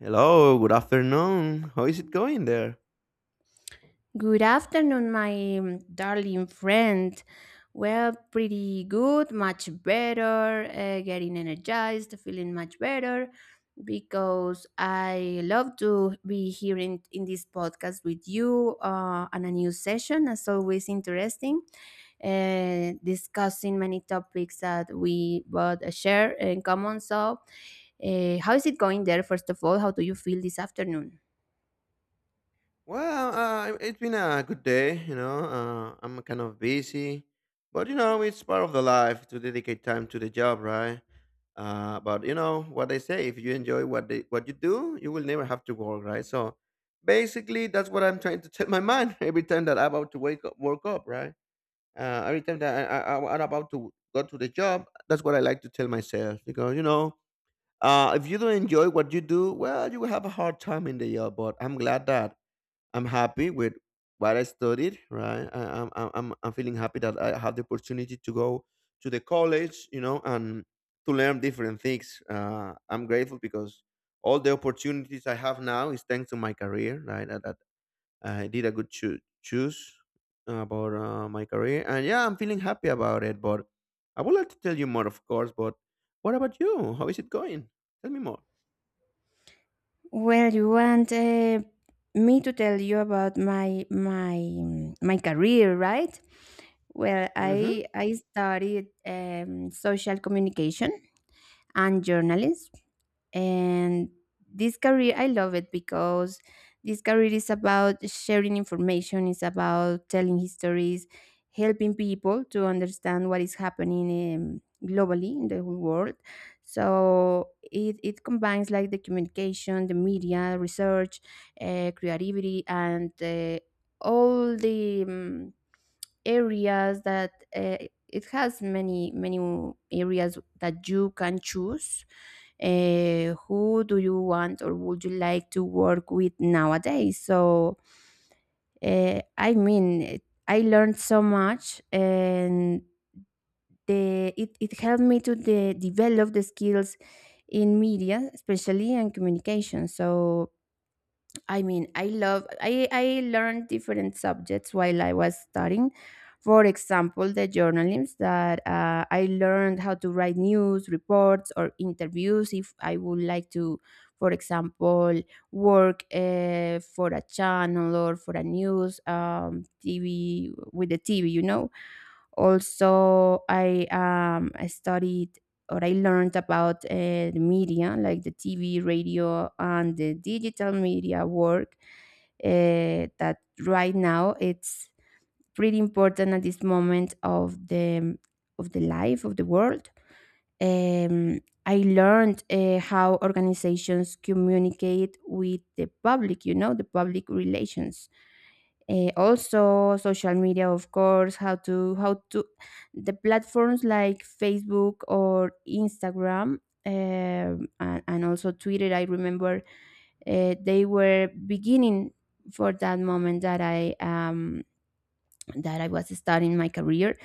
Hello, good afternoon. How is it going there? Good afternoon, my darling friend. Well, pretty good, much better, getting energized, feeling much better because I love to be here in this podcast with you on a new session, as always, interesting, discussing many topics that we both share in common. So, how is it going there, first of all? How do you feel this afternoon? Well, it's been a good day. I'm kind of busy, but you know, it's part of the life to dedicate time to the job, right? But you know what they say: if you enjoy what you do, you will never have to work, right? So, basically, that's what I'm trying to tell my mind every time that I'm about to wake up, work up, right? Every time that I'm about to go to the job, that's what I like to tell myself because you know. If you don't enjoy what you do, well, you will have a hard time in the job. But I'm glad that I'm happy with what I studied. Right, I'm feeling happy that I had the opportunity to go to the college, you know, and to learn different things. I'm grateful because all the opportunities I have now is thanks to my career. Right, that, I did a good choose about my career, and yeah, I'm feeling happy about it. But I would like to tell you more, of course. But what about you? How is it going? Tell me more. Well, you want me to tell you about my career, right? Well, Hmm. I studied social communication and journalism, and this career I love it because this career is about sharing information, it's about telling histories, helping people to understand what is happening, globally in the whole world. So it combines like the communication, the media research, creativity and all the areas that it has many many areas that you can choose, who do you want or would you like to work with nowadays. So I mean I learned so much, and it helped me to develop the skills in media especially and communication. So I mean, I love I learned different subjects while I was studying. For example, the journalism, that I learned how to write news reports or interviews if I would like to, for example, work for a channel or for a news TV, with the TV, you know. Also I studied or I learned about the media, like the TV, radio, and the digital media work. That right now it's pretty important at this moment of the life of the world. Um, I learned how organizations communicate with the public. You know, the public relations. Also social media, of course. How to the platforms like Facebook or Instagram, and also Twitter. I remember they were beginning for that moment that I was starting my career.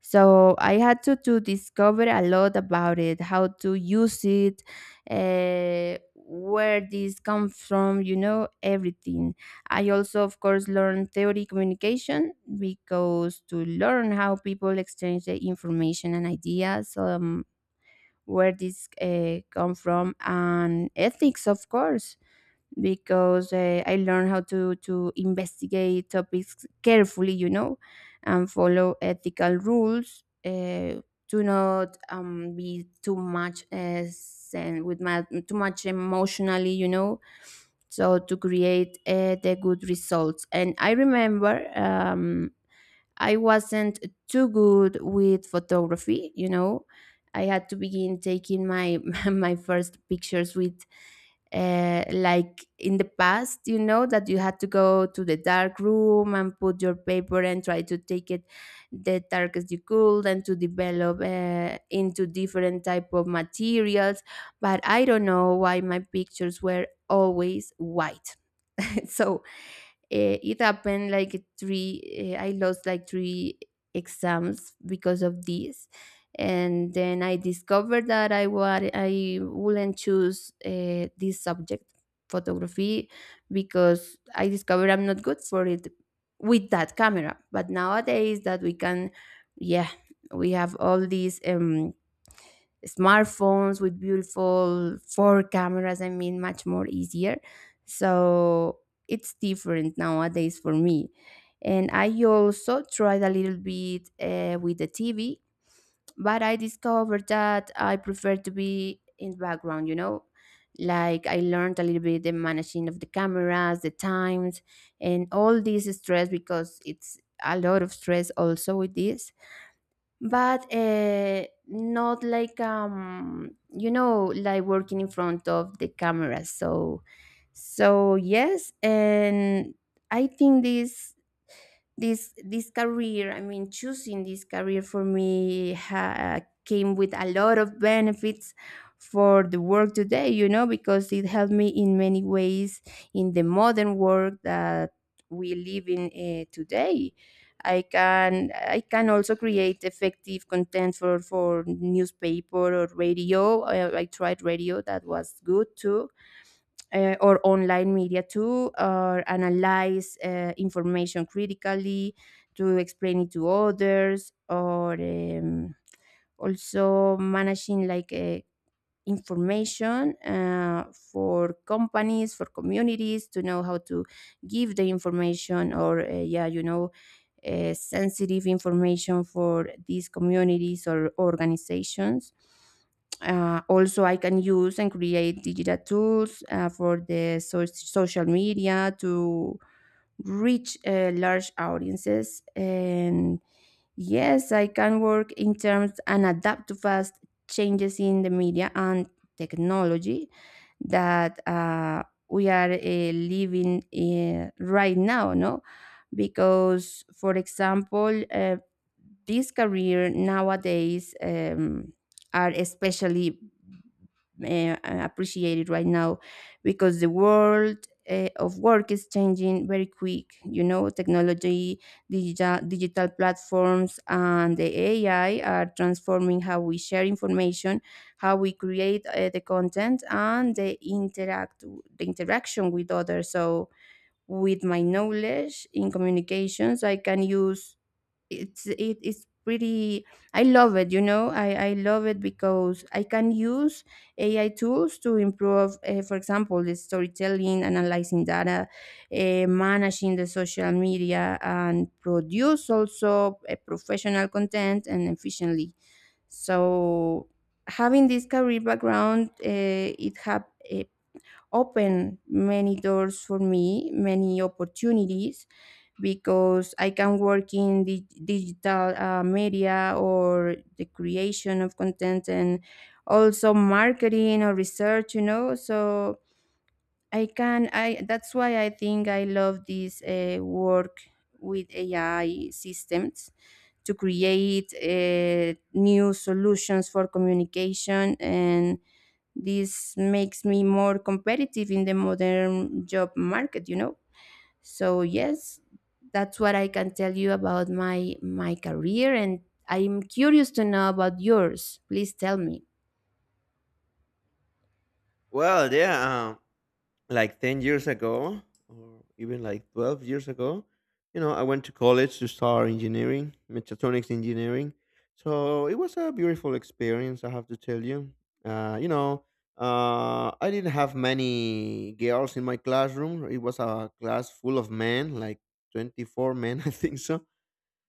So I had to discover a lot about it, how to use it, where this comes from, you know, everything. I also, of course, learned theory communication, because to learn how people exchange the information and ideas, where this come from, and ethics, of course, because I learned how to investigate topics carefully, you know, and follow ethical rules. Do not be too much too much emotionally, you know. So to create the good results. And I remember I wasn't too good with photography, you know. I had to begin taking my my first pictures with like in the past, you know, that you had to go to the dark room and put your paper and try to take it the darkest you could, and to develop into different type of materials. But I don't know why my pictures were always white. So it happened like three I lost like 3 exams because of this. And then I discovered that I wouldn't choose this subject, photography, because I discovered I'm not good for it with that camera. But nowadays, that we can, yeah, we have all these smartphones with beautiful four cameras, I mean much more easier. So it's different nowadays for me. And I also tried a little bit with the TV, but I discovered that I prefer to be in the background, you know. Like, I learned a little bit the managing of the cameras, the times, and all this stress, because it's a lot of stress also with this. But not like you know, like working in front of the camera. So so yes. And I think this career, I mean, choosing this career for me came with a lot of benefits for the work today, you know, because it helped me in many ways in the modern world that we live in today. I can also create effective content for newspaper or radio. I tried radio, that was good too. Or online media too, or analyze information critically to explain it to others, or also managing like information for companies, for communities, to know how to give the information, or yeah, you know, sensitive information for these communities or organizations. Also, I can use and create digital tools for the social media to reach large audiences. And yes, I can work in terms and adapt to fast changes in the media and technology that we are living in right now. No, because, for example, this career nowadays are especially appreciated right now, because the world of work is changing very quick. You know, technology, digital platforms, and the AI are transforming how we share information, how we create the content, and the interaction with others. So with my knowledge in communications, I can use, it's it it's pretty, I love it, you know. I love it because I can use AI tools to improve, for example, the storytelling, analyzing data, managing the social media, and produce also a professional content and efficiently. So having this career background, it have open many doors for me, many opportunities, because I can work in the digital media or the creation of content, and also marketing or research, you know. So I can, I that's why I think I love this work with AI systems to create new solutions for communication. And this makes me more competitive in the modern job market, you know. So yes, that's what I can tell you about my career. And I'm curious to know about yours, please tell me. Well, yeah, like 10 years ago, or even like 12 years ago, you know, I went to college to start engineering, mechatronics engineering. So it was a beautiful experience, I have to tell you. You know, I didn't have many girls in my classroom. It was a class full of men, like 24 men, I think. So,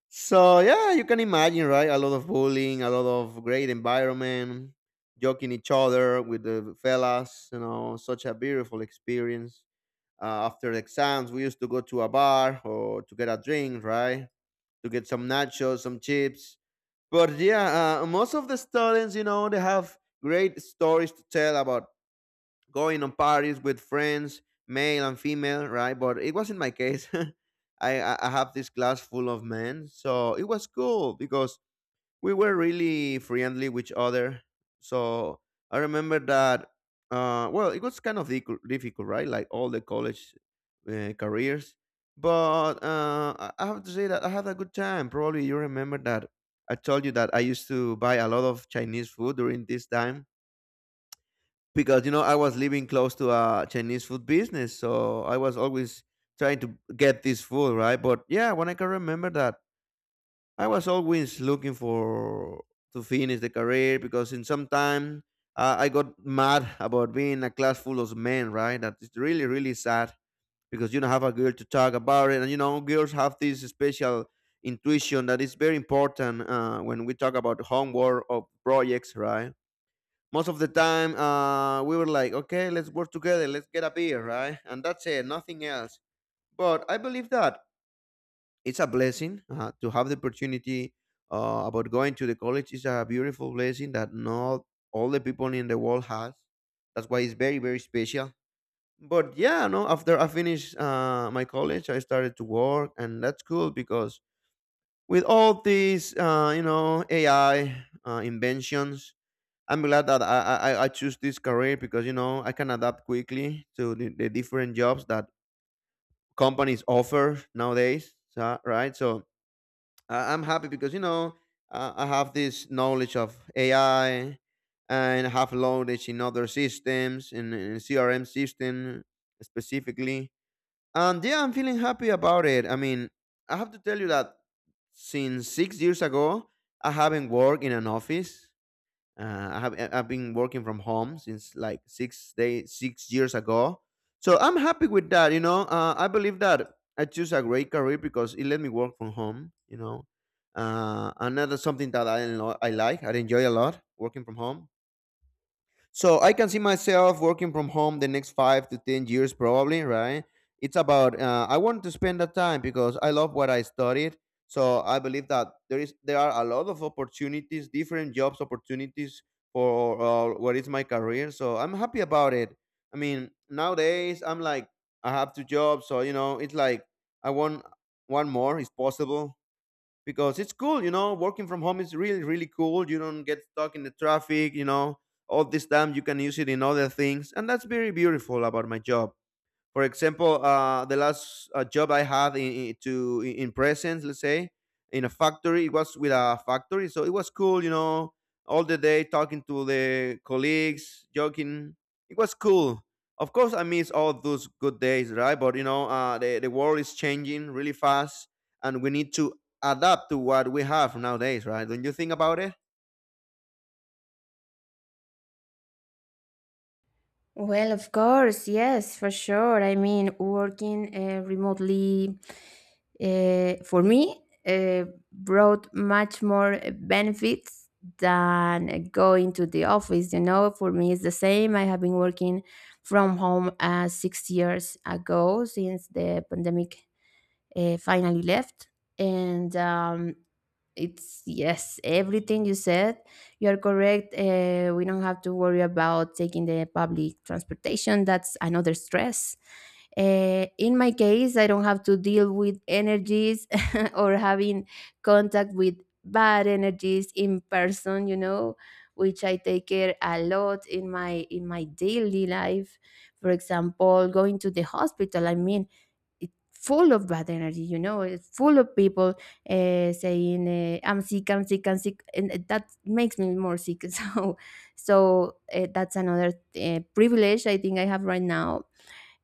so yeah, you can imagine, right? A lot of bullying, a lot of great environment, joking each other with the fellas. You know, such a beautiful experience. After the exams, we used to go to a bar or to get a drink, right? To get some nachos, some chips. But yeah, most of the students, you know, they have great stories to tell about going on parties with friends, male and female, right? But it wasn't my case. I have this class full of men, so it was cool because we were really friendly with each other. So I remember that. Well, it was kind of difficult, right? Like all the college careers, but I have to say that I had a good time. Probably you remember that I told you that I used to buy a lot of Chinese food during this time because you know I was living close to a Chinese food business, so I was always trying to get this food, right? But yeah, when I can remember that, I was always looking for to finish the career because in some time I got mad about being a class full of men, right? That is really really sad because you don't have a girl to talk about it, and you know girls have this special intuition that is very important when we talk about homework or projects, right? Most of the time we were like okay, let's work together, let's get a beer, right? And that's it, nothing else. But I believe that it's a blessing to have the opportunity about going to the college. Is a beautiful blessing that not all the people in the world has. That's why it's very very special. But yeah, no, after I finished my college, I started to work, and that's cool because with all these you know, AI inventions, I'm glad that I choose this career because you know I can adapt quickly to the different jobs that companies offer nowadays. So, right, so I'm happy because you know I have this knowledge of AI, and I have knowledge in other systems, in CRM system specifically. And yeah, I'm feeling happy about it. I mean, I have to tell you that since 6 years ago, I haven't worked in an office. I've been working from home since like 6 years ago, so I'm happy with that. You know, I believe that I choose a great career because it let me work from home. You know, and that's something that I like. I enjoy a lot working from home. So I can see myself working from home the next 5 to 10 years, probably. Right? It's about I want to spend that time because I love what I studied. So I believe that there are a lot of opportunities, different jobs opportunities for what is my career. So I'm happy about it. I mean, nowadays I'm like I have two jobs, so you know it's like I want one more is possible because it's cool, you know. Working from home is really, really cool. You don't get stuck in the traffic, you know. All this time you can use it in other things, and that's very beautiful about my job. For example, the last job I had in presence, let's say, in a factory. It was with a factory, so it was cool, you know, all the day talking to the colleagues, joking. It was cool. Of course, I miss all those good days, right? But you know, the world is changing really fast, and we need to adapt to what we have nowadays, right? Don't you think about it? Well, of course, yes, for sure. I mean, working remotely for me uh, brought much more benefits than going to the office. You know, for me, it's the same. I have been working from home 6 years ago, since the pandemic finally left. And it's, yes, everything you said, you're correct. We don't have to worry about taking the public transportation, that's another stress. In my case, I don't have to deal with energies, or having contact with bad energies in person, you know, which I take care a lot in my daily life. For example, going to the hospital, I mean, it's full of bad energy, you know, it's full of people saying, I'm sick, I'm sick, I'm sick, and that makes me more sick. So so that's another privilege I think I have right now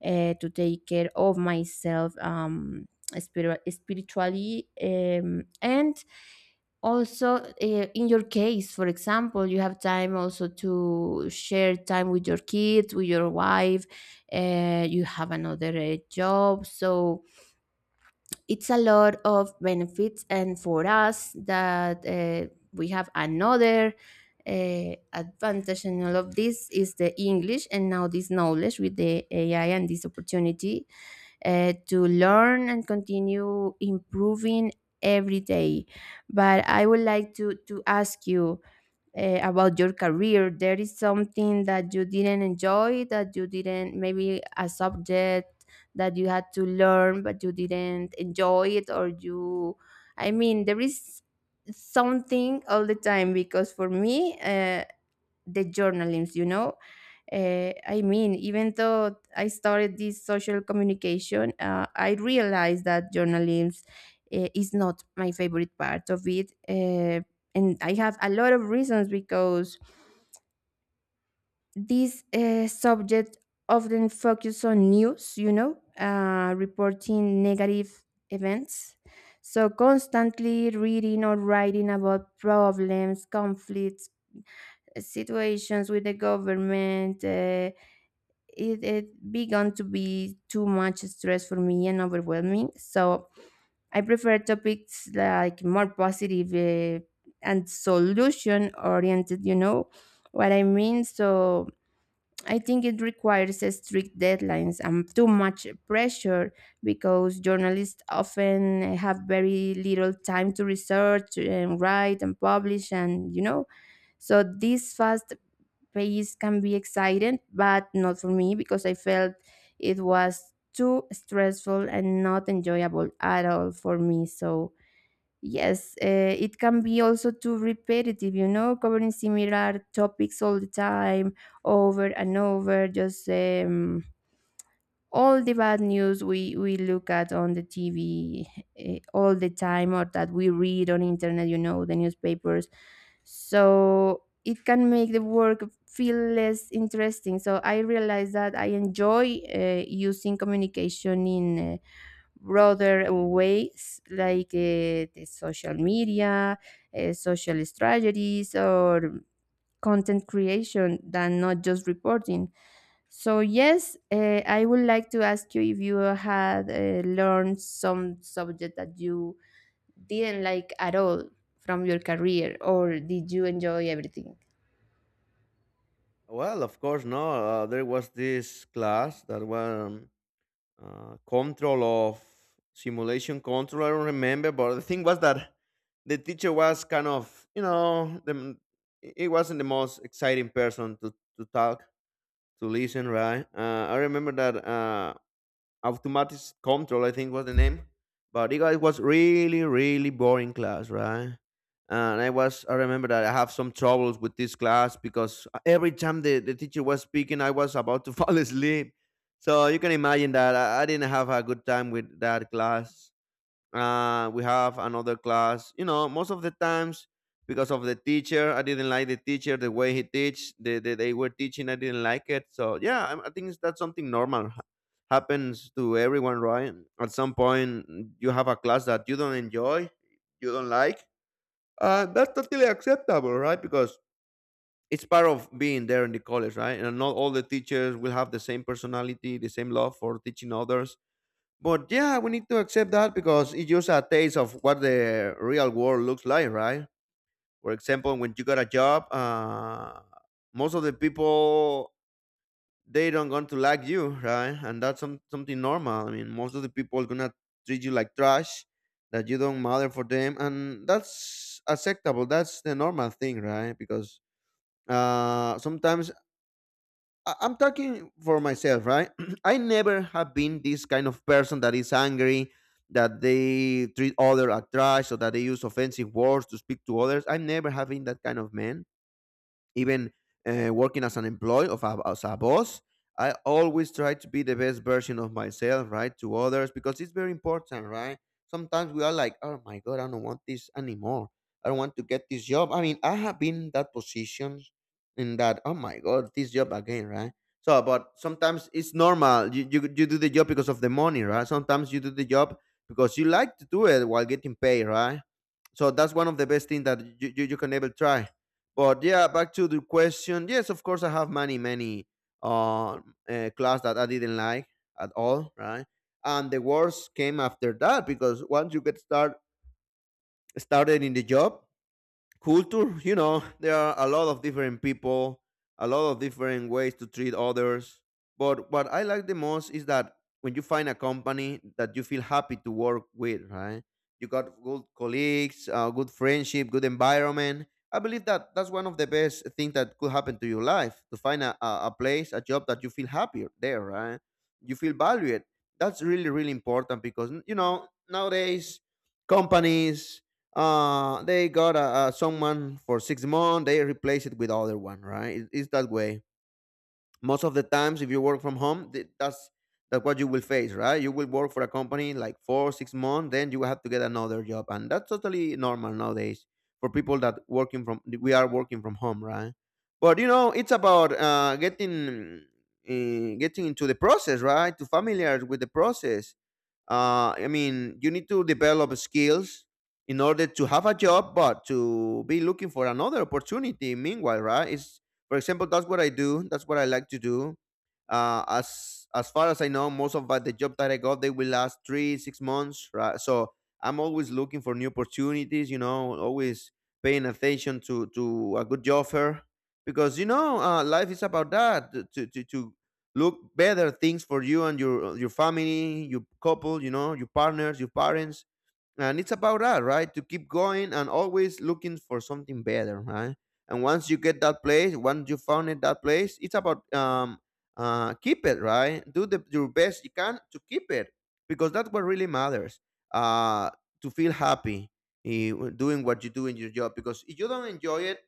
to take care of myself, spiritually, and also in your case, for example, you have time also to share time with your kids, with your wife. You have another job. So it's a lot of benefits. And for us, that we have another advantage in all of this is the English, and now this knowledge with the AI, and this opportunity to learn and continue improving every day. But I would like to ask you about your career. There is something that you didn't enjoy, that you didn't, maybe a subject that you had to learn but you didn't enjoy it, or you, I mean, there is something all the time, because for me, the journalism, you know, I mean, even though I started this social communication, I realized that journalism is not my favorite part of it. And I have a lot of reasons, because this subject often focus on news, you know, reporting negative events. So constantly reading or writing about problems, conflicts, situations with the government, it began to be too much stress for me and overwhelming. So I prefer topics like more positive and solution oriented, you know what I mean? So I think it requires a strict deadlines and too much pressure, because journalists often have very little time to research and write and publish, and you know, so this fast pace can be exciting, but not for me, because I felt it was too stressful and not enjoyable at all for me. So, yes, it can be also too repetitive, you know, covering similar topics all the time, over and over, just. All the bad news we look at on the TV, all the time, or that we read on internet, you know, the newspapers. So it can make the work feel less interesting. So I realized that I enjoy using communication in broader ways, like the social media, social strategies, or content creation, than not just reporting. So yes, I would like to ask you if you had learned some subject that you didn't like at all from your career, or did you enjoy everything? Well, of course, no. There was this class that was control of simulation control. I don't remember, but the thing was that the teacher was kind of, you know, it wasn't the most exciting person to talk to listen, right? I remember that. Automatic control, I think was the name. But it was really, really boring class, right? And I was, I remember that I have some troubles with this class because every time the teacher was speaking, I was about to fall asleep. So you can imagine that I didn't have a good time with that class. We have another class, you know, most of the times because of the teacher I didn't like the teacher, the way he teach, the they were teaching, I didn't like it. So yeah, I think that's something normal, happens to everyone, right? At some point you have a class that you don't enjoy, you don't like. That's totally acceptable, right? Because it's part of being there in the college, right? And not all the teachers will have the same personality, the same love for teaching others. But yeah, we need to accept that because it's just a taste of what the real world looks like, right? For example, when you got a job, most of the people, they don't going to like you, right? And that's something normal. I mean, most of the people gonna treat you like trash, that you don't matter for them, and that's acceptable. That's the normal thing, right? Because sometimes I'm talking for myself, right? I never have been this kind of person that is angry, that they treat other as trash, or that they use offensive words to speak to others. I never have been that kind of man, even working as an employee of as a boss. I always try to be the best version of myself, right? To others, because it's very important, right? Sometimes we are like, oh my god, I don't want this anymore, I don't want to get this job. I mean, I have been in that position, in that, oh my god, this job again, right? So but sometimes it's normal, you do the job because of the money, right? Sometimes you do the job because you like to do it while getting paid, right? So that's one of the best things that you can ever try. But yeah, back to the question. Yes, of course, I have many, many uh, class that I didn't like at all, right? And the worst came after that because once you get start started in the job, culture. You know, there are a lot of different people, a lot of different ways to treat others. But what I like the most is that when you find a company that you feel happy to work with, right? You got good colleagues, good friendship, good environment. I believe that that's one of the best things that could happen to your life, to find a place, a job that you feel happier there, right? You feel valued. That's really really important because you know nowadays companies, they got a someone for 6 months, they replace it with other one, right? It's that way most of the times. If you work from home, that's what you will face, right? You will work for a company like 4 6 months, then you will have to get another job, and that's totally normal nowadays for people that working from, we are working from home, right? But you know, it's about getting, getting into the process, right? To familiar with the process. I mean, you need to develop skills in order to have a job, but to be looking for another opportunity. Meanwhile, right? It's, for example, that's what I do. That's what I like to do. As far as I know, most of the job that I got, they will last three, 6 months, right? So I'm always looking for new opportunities. You know, always paying attention to a good job offer. Because you know, life is about that, to look better things for you and your, your family, your couple, you know, your partners, your parents. And it's about that, right? To keep going and always looking for something better, right? And once you get that place, once you found it, that place, it's about keep it, right? Do the your best you can to keep it because that's what really matters. Uh, to feel happy, doing what you do in your job. Because if you don't enjoy it,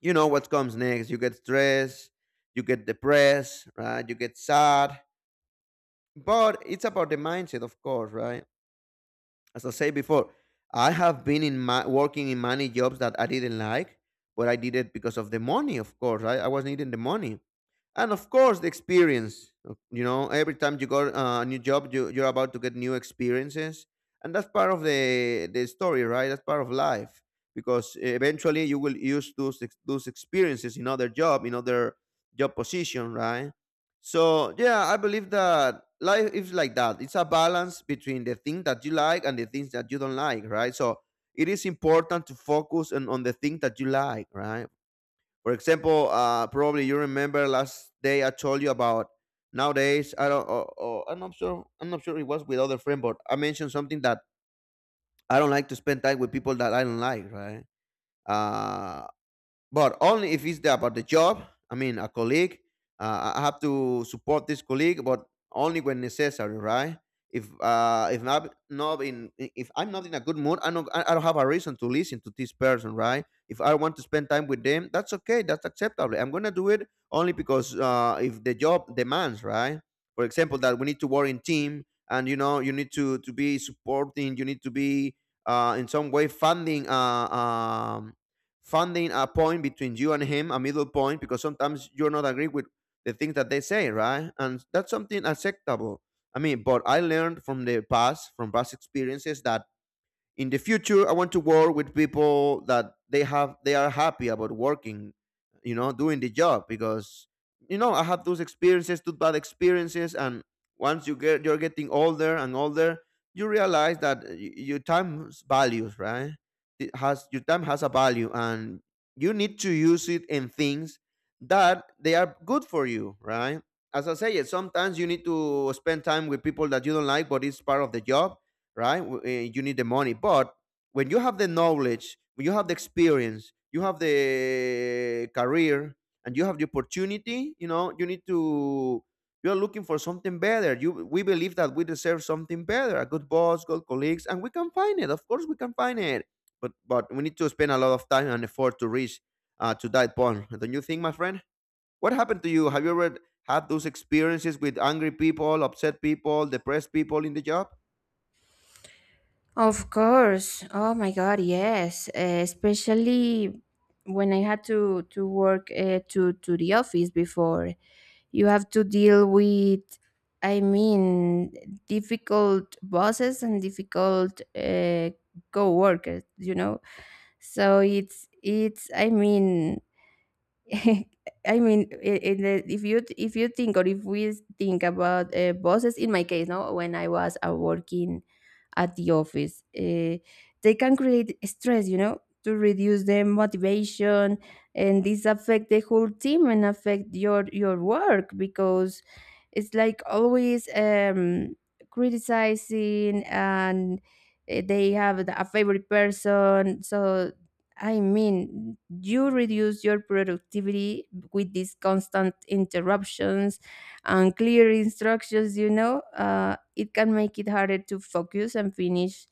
you know what comes next. You get stressed, you get depressed, right? You get sad. But it's about the mindset, of course, right? As I said before, I have been in my working in many jobs that I didn't like, but I did it because of the money, of course, right? I was needing the money, and of course the experience. You know, every time you got a new job, you're about to get new experiences, and that's part of the story, right? That's part of life. Because eventually you will use those experiences in other job, in other job position, right? So yeah, I believe that life is like that. It's a balance between the thing that you like and the things that you don't like, right? So it is important to focus on the thing that you like, right? For example, probably you remember last day I told you about. Nowadays, I don't. I'm not sure. I'm not sure it was with other friend, but I mentioned something that I don't like to spend time with people that I don't like. Right? Uh, but only if it's about the job. I mean, a colleague. I have to support this colleague, but only when necessary, right? If not in, if I'm not in a good mood, I don't have a reason to listen to this person, right? If I want to spend time with them, that's okay, that's acceptable. I'm gonna do it only because if the job demands, right? For example, that we need to work in team, and you know you need to be supporting, you need to be in some way funding finding a point between you and him, a middle point, because sometimes you're not agree with the things that they say, right? And that's something acceptable. I mean, but I learned from the past, from past experiences, that in the future I want to work with people that they are happy about working, you know, doing the job. Because you know, I had those experiences, those bad experiences, and once you're getting older and older, you realize that your time values, right? It has, your time has a value, and you need to use it in things that they are good for you, right? As I say, sometimes you need to spend time with people that you don't like, but it's part of the job, right? You need the money, but when you have the knowledge, when you have the experience, you have the career, and you have the opportunity, you know, you need to. You're looking for something better. You, we believe that we deserve something better, a good boss, good colleagues, and we can find it. Of course, we can find it, but we need to spend a lot of time and effort to reach, to that point. Don't you think, my friend? What happened to you? Have you ever had those experiences with angry people, upset people, depressed people in the job? Of course. Oh my God, yes. Especially when I had to work to the office before. You have to deal with, I mean, difficult bosses and difficult co-workers. You know, so it's it's. I mean, I mean, in the, if you think or if we think about bosses, in my case, no, when I was working at the office, they can create stress, you know, to reduce their motivation, and this affect the whole team and affect your work because it's like always criticizing and they have a favorite person. So I mean, you reduce your productivity with these constant interruptions and clear instructions, you know, it can make it harder to focus and finish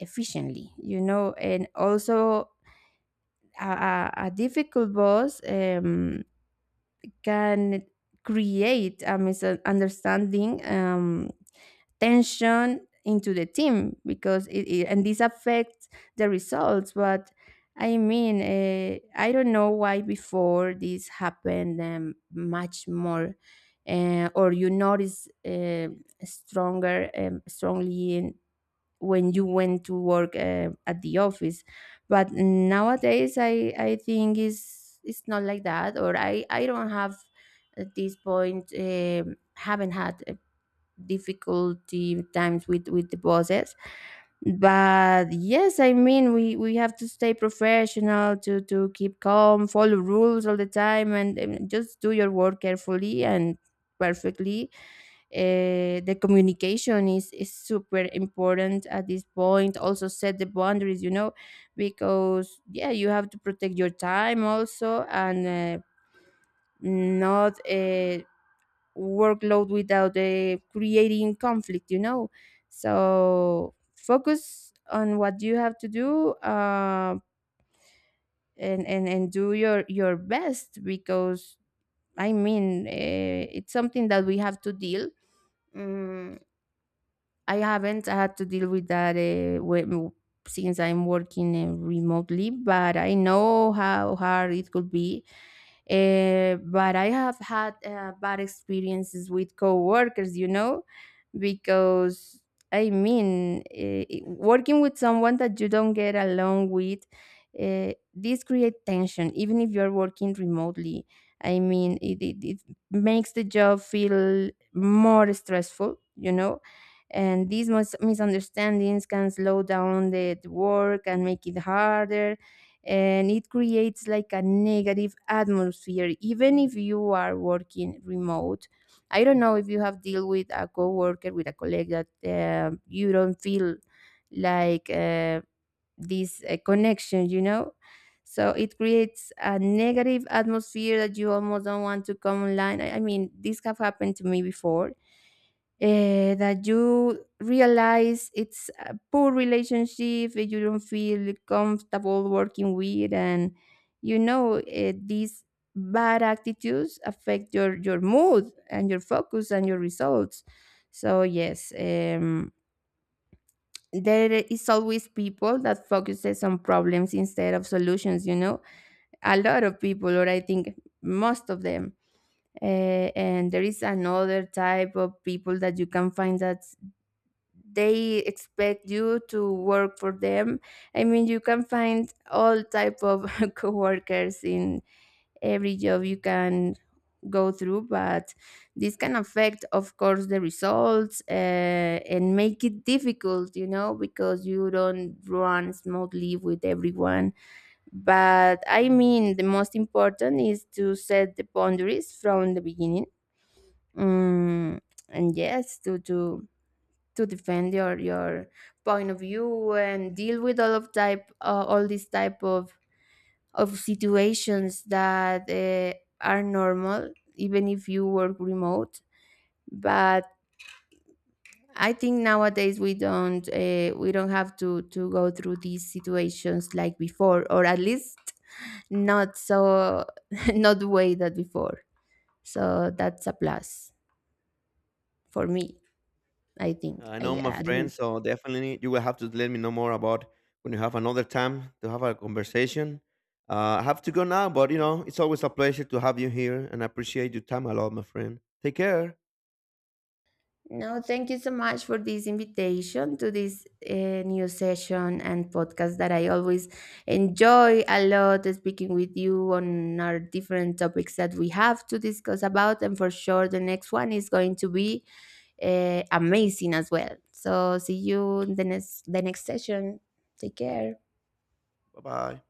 efficiently, you know, and also a difficult boss can create a misunderstanding, tension into the team because it and this affects the results. But I mean, I don't know why before this happened much more, or you notice stronger, strongly in, when you went to work at the office. But nowadays I think is it's not like that, or I don't have at this point haven't had difficulty times with the bosses. But yes, I mean, we have to stay professional, to keep calm, follow rules all the time, and just do your work carefully and perfectly. Uh, the communication is super important at this point, also set the boundaries, you know, because yeah, you have to protect your time also and not workload without creating conflict, you know, so focus on what you have to do, and do your best because I mean, it's something that we have to deal. Mm, I haven't had to deal with that when, since I'm working remotely, but I know how hard it could be. But I have had bad experiences with coworkers, you know, because I mean, working with someone that you don't get along with, this create tension, even if you're working remotely. I mean, it makes the job feel more stressful, you know, and these misunderstandings can slow down the work and make it harder, and it creates like a negative atmosphere even if you are working remote. I don't know if you have deal with a coworker, with a colleague that you don't feel like this connection, you know, so it creates a negative atmosphere that you almost don't want to come online. I mean this have happened to me before, that you realize it's a poor relationship that you don't feel comfortable working with, and you know, these bad attitudes affect your mood and your focus and your results. So yes, there is always people that focuses on problems instead of solutions, you know, a lot of people, or I think most of them, and there is another type of people that you can find that they expect you to work for them. I mean, you can find all type of coworkers in every job you can go through, but this can affect of course the results, and make it difficult, you know, because you don't run smoothly with everyone. But I mean, the most important is to set the boundaries from the beginning. Mm, and yes, to defend your point of view and deal with all these type of situations that are normal even if you work remote. But I think nowadays we don't, we don't have to go through these situations like before, or at least not so not the way that before. So that's a plus for me, I think, I I know, my at friend. least. So definitely, you will have to let me know more about when you have another time to have a conversation. I have to go now, but you know, it's always a pleasure to have you here, and I appreciate your time a lot, my friend. Take care. No, thank you so much for this invitation to this new session and podcast that I always enjoy a lot speaking with you on our different topics that we have to discuss about. And for sure, the next one is going to be amazing as well. So, see you in the next session. Take care. Bye bye.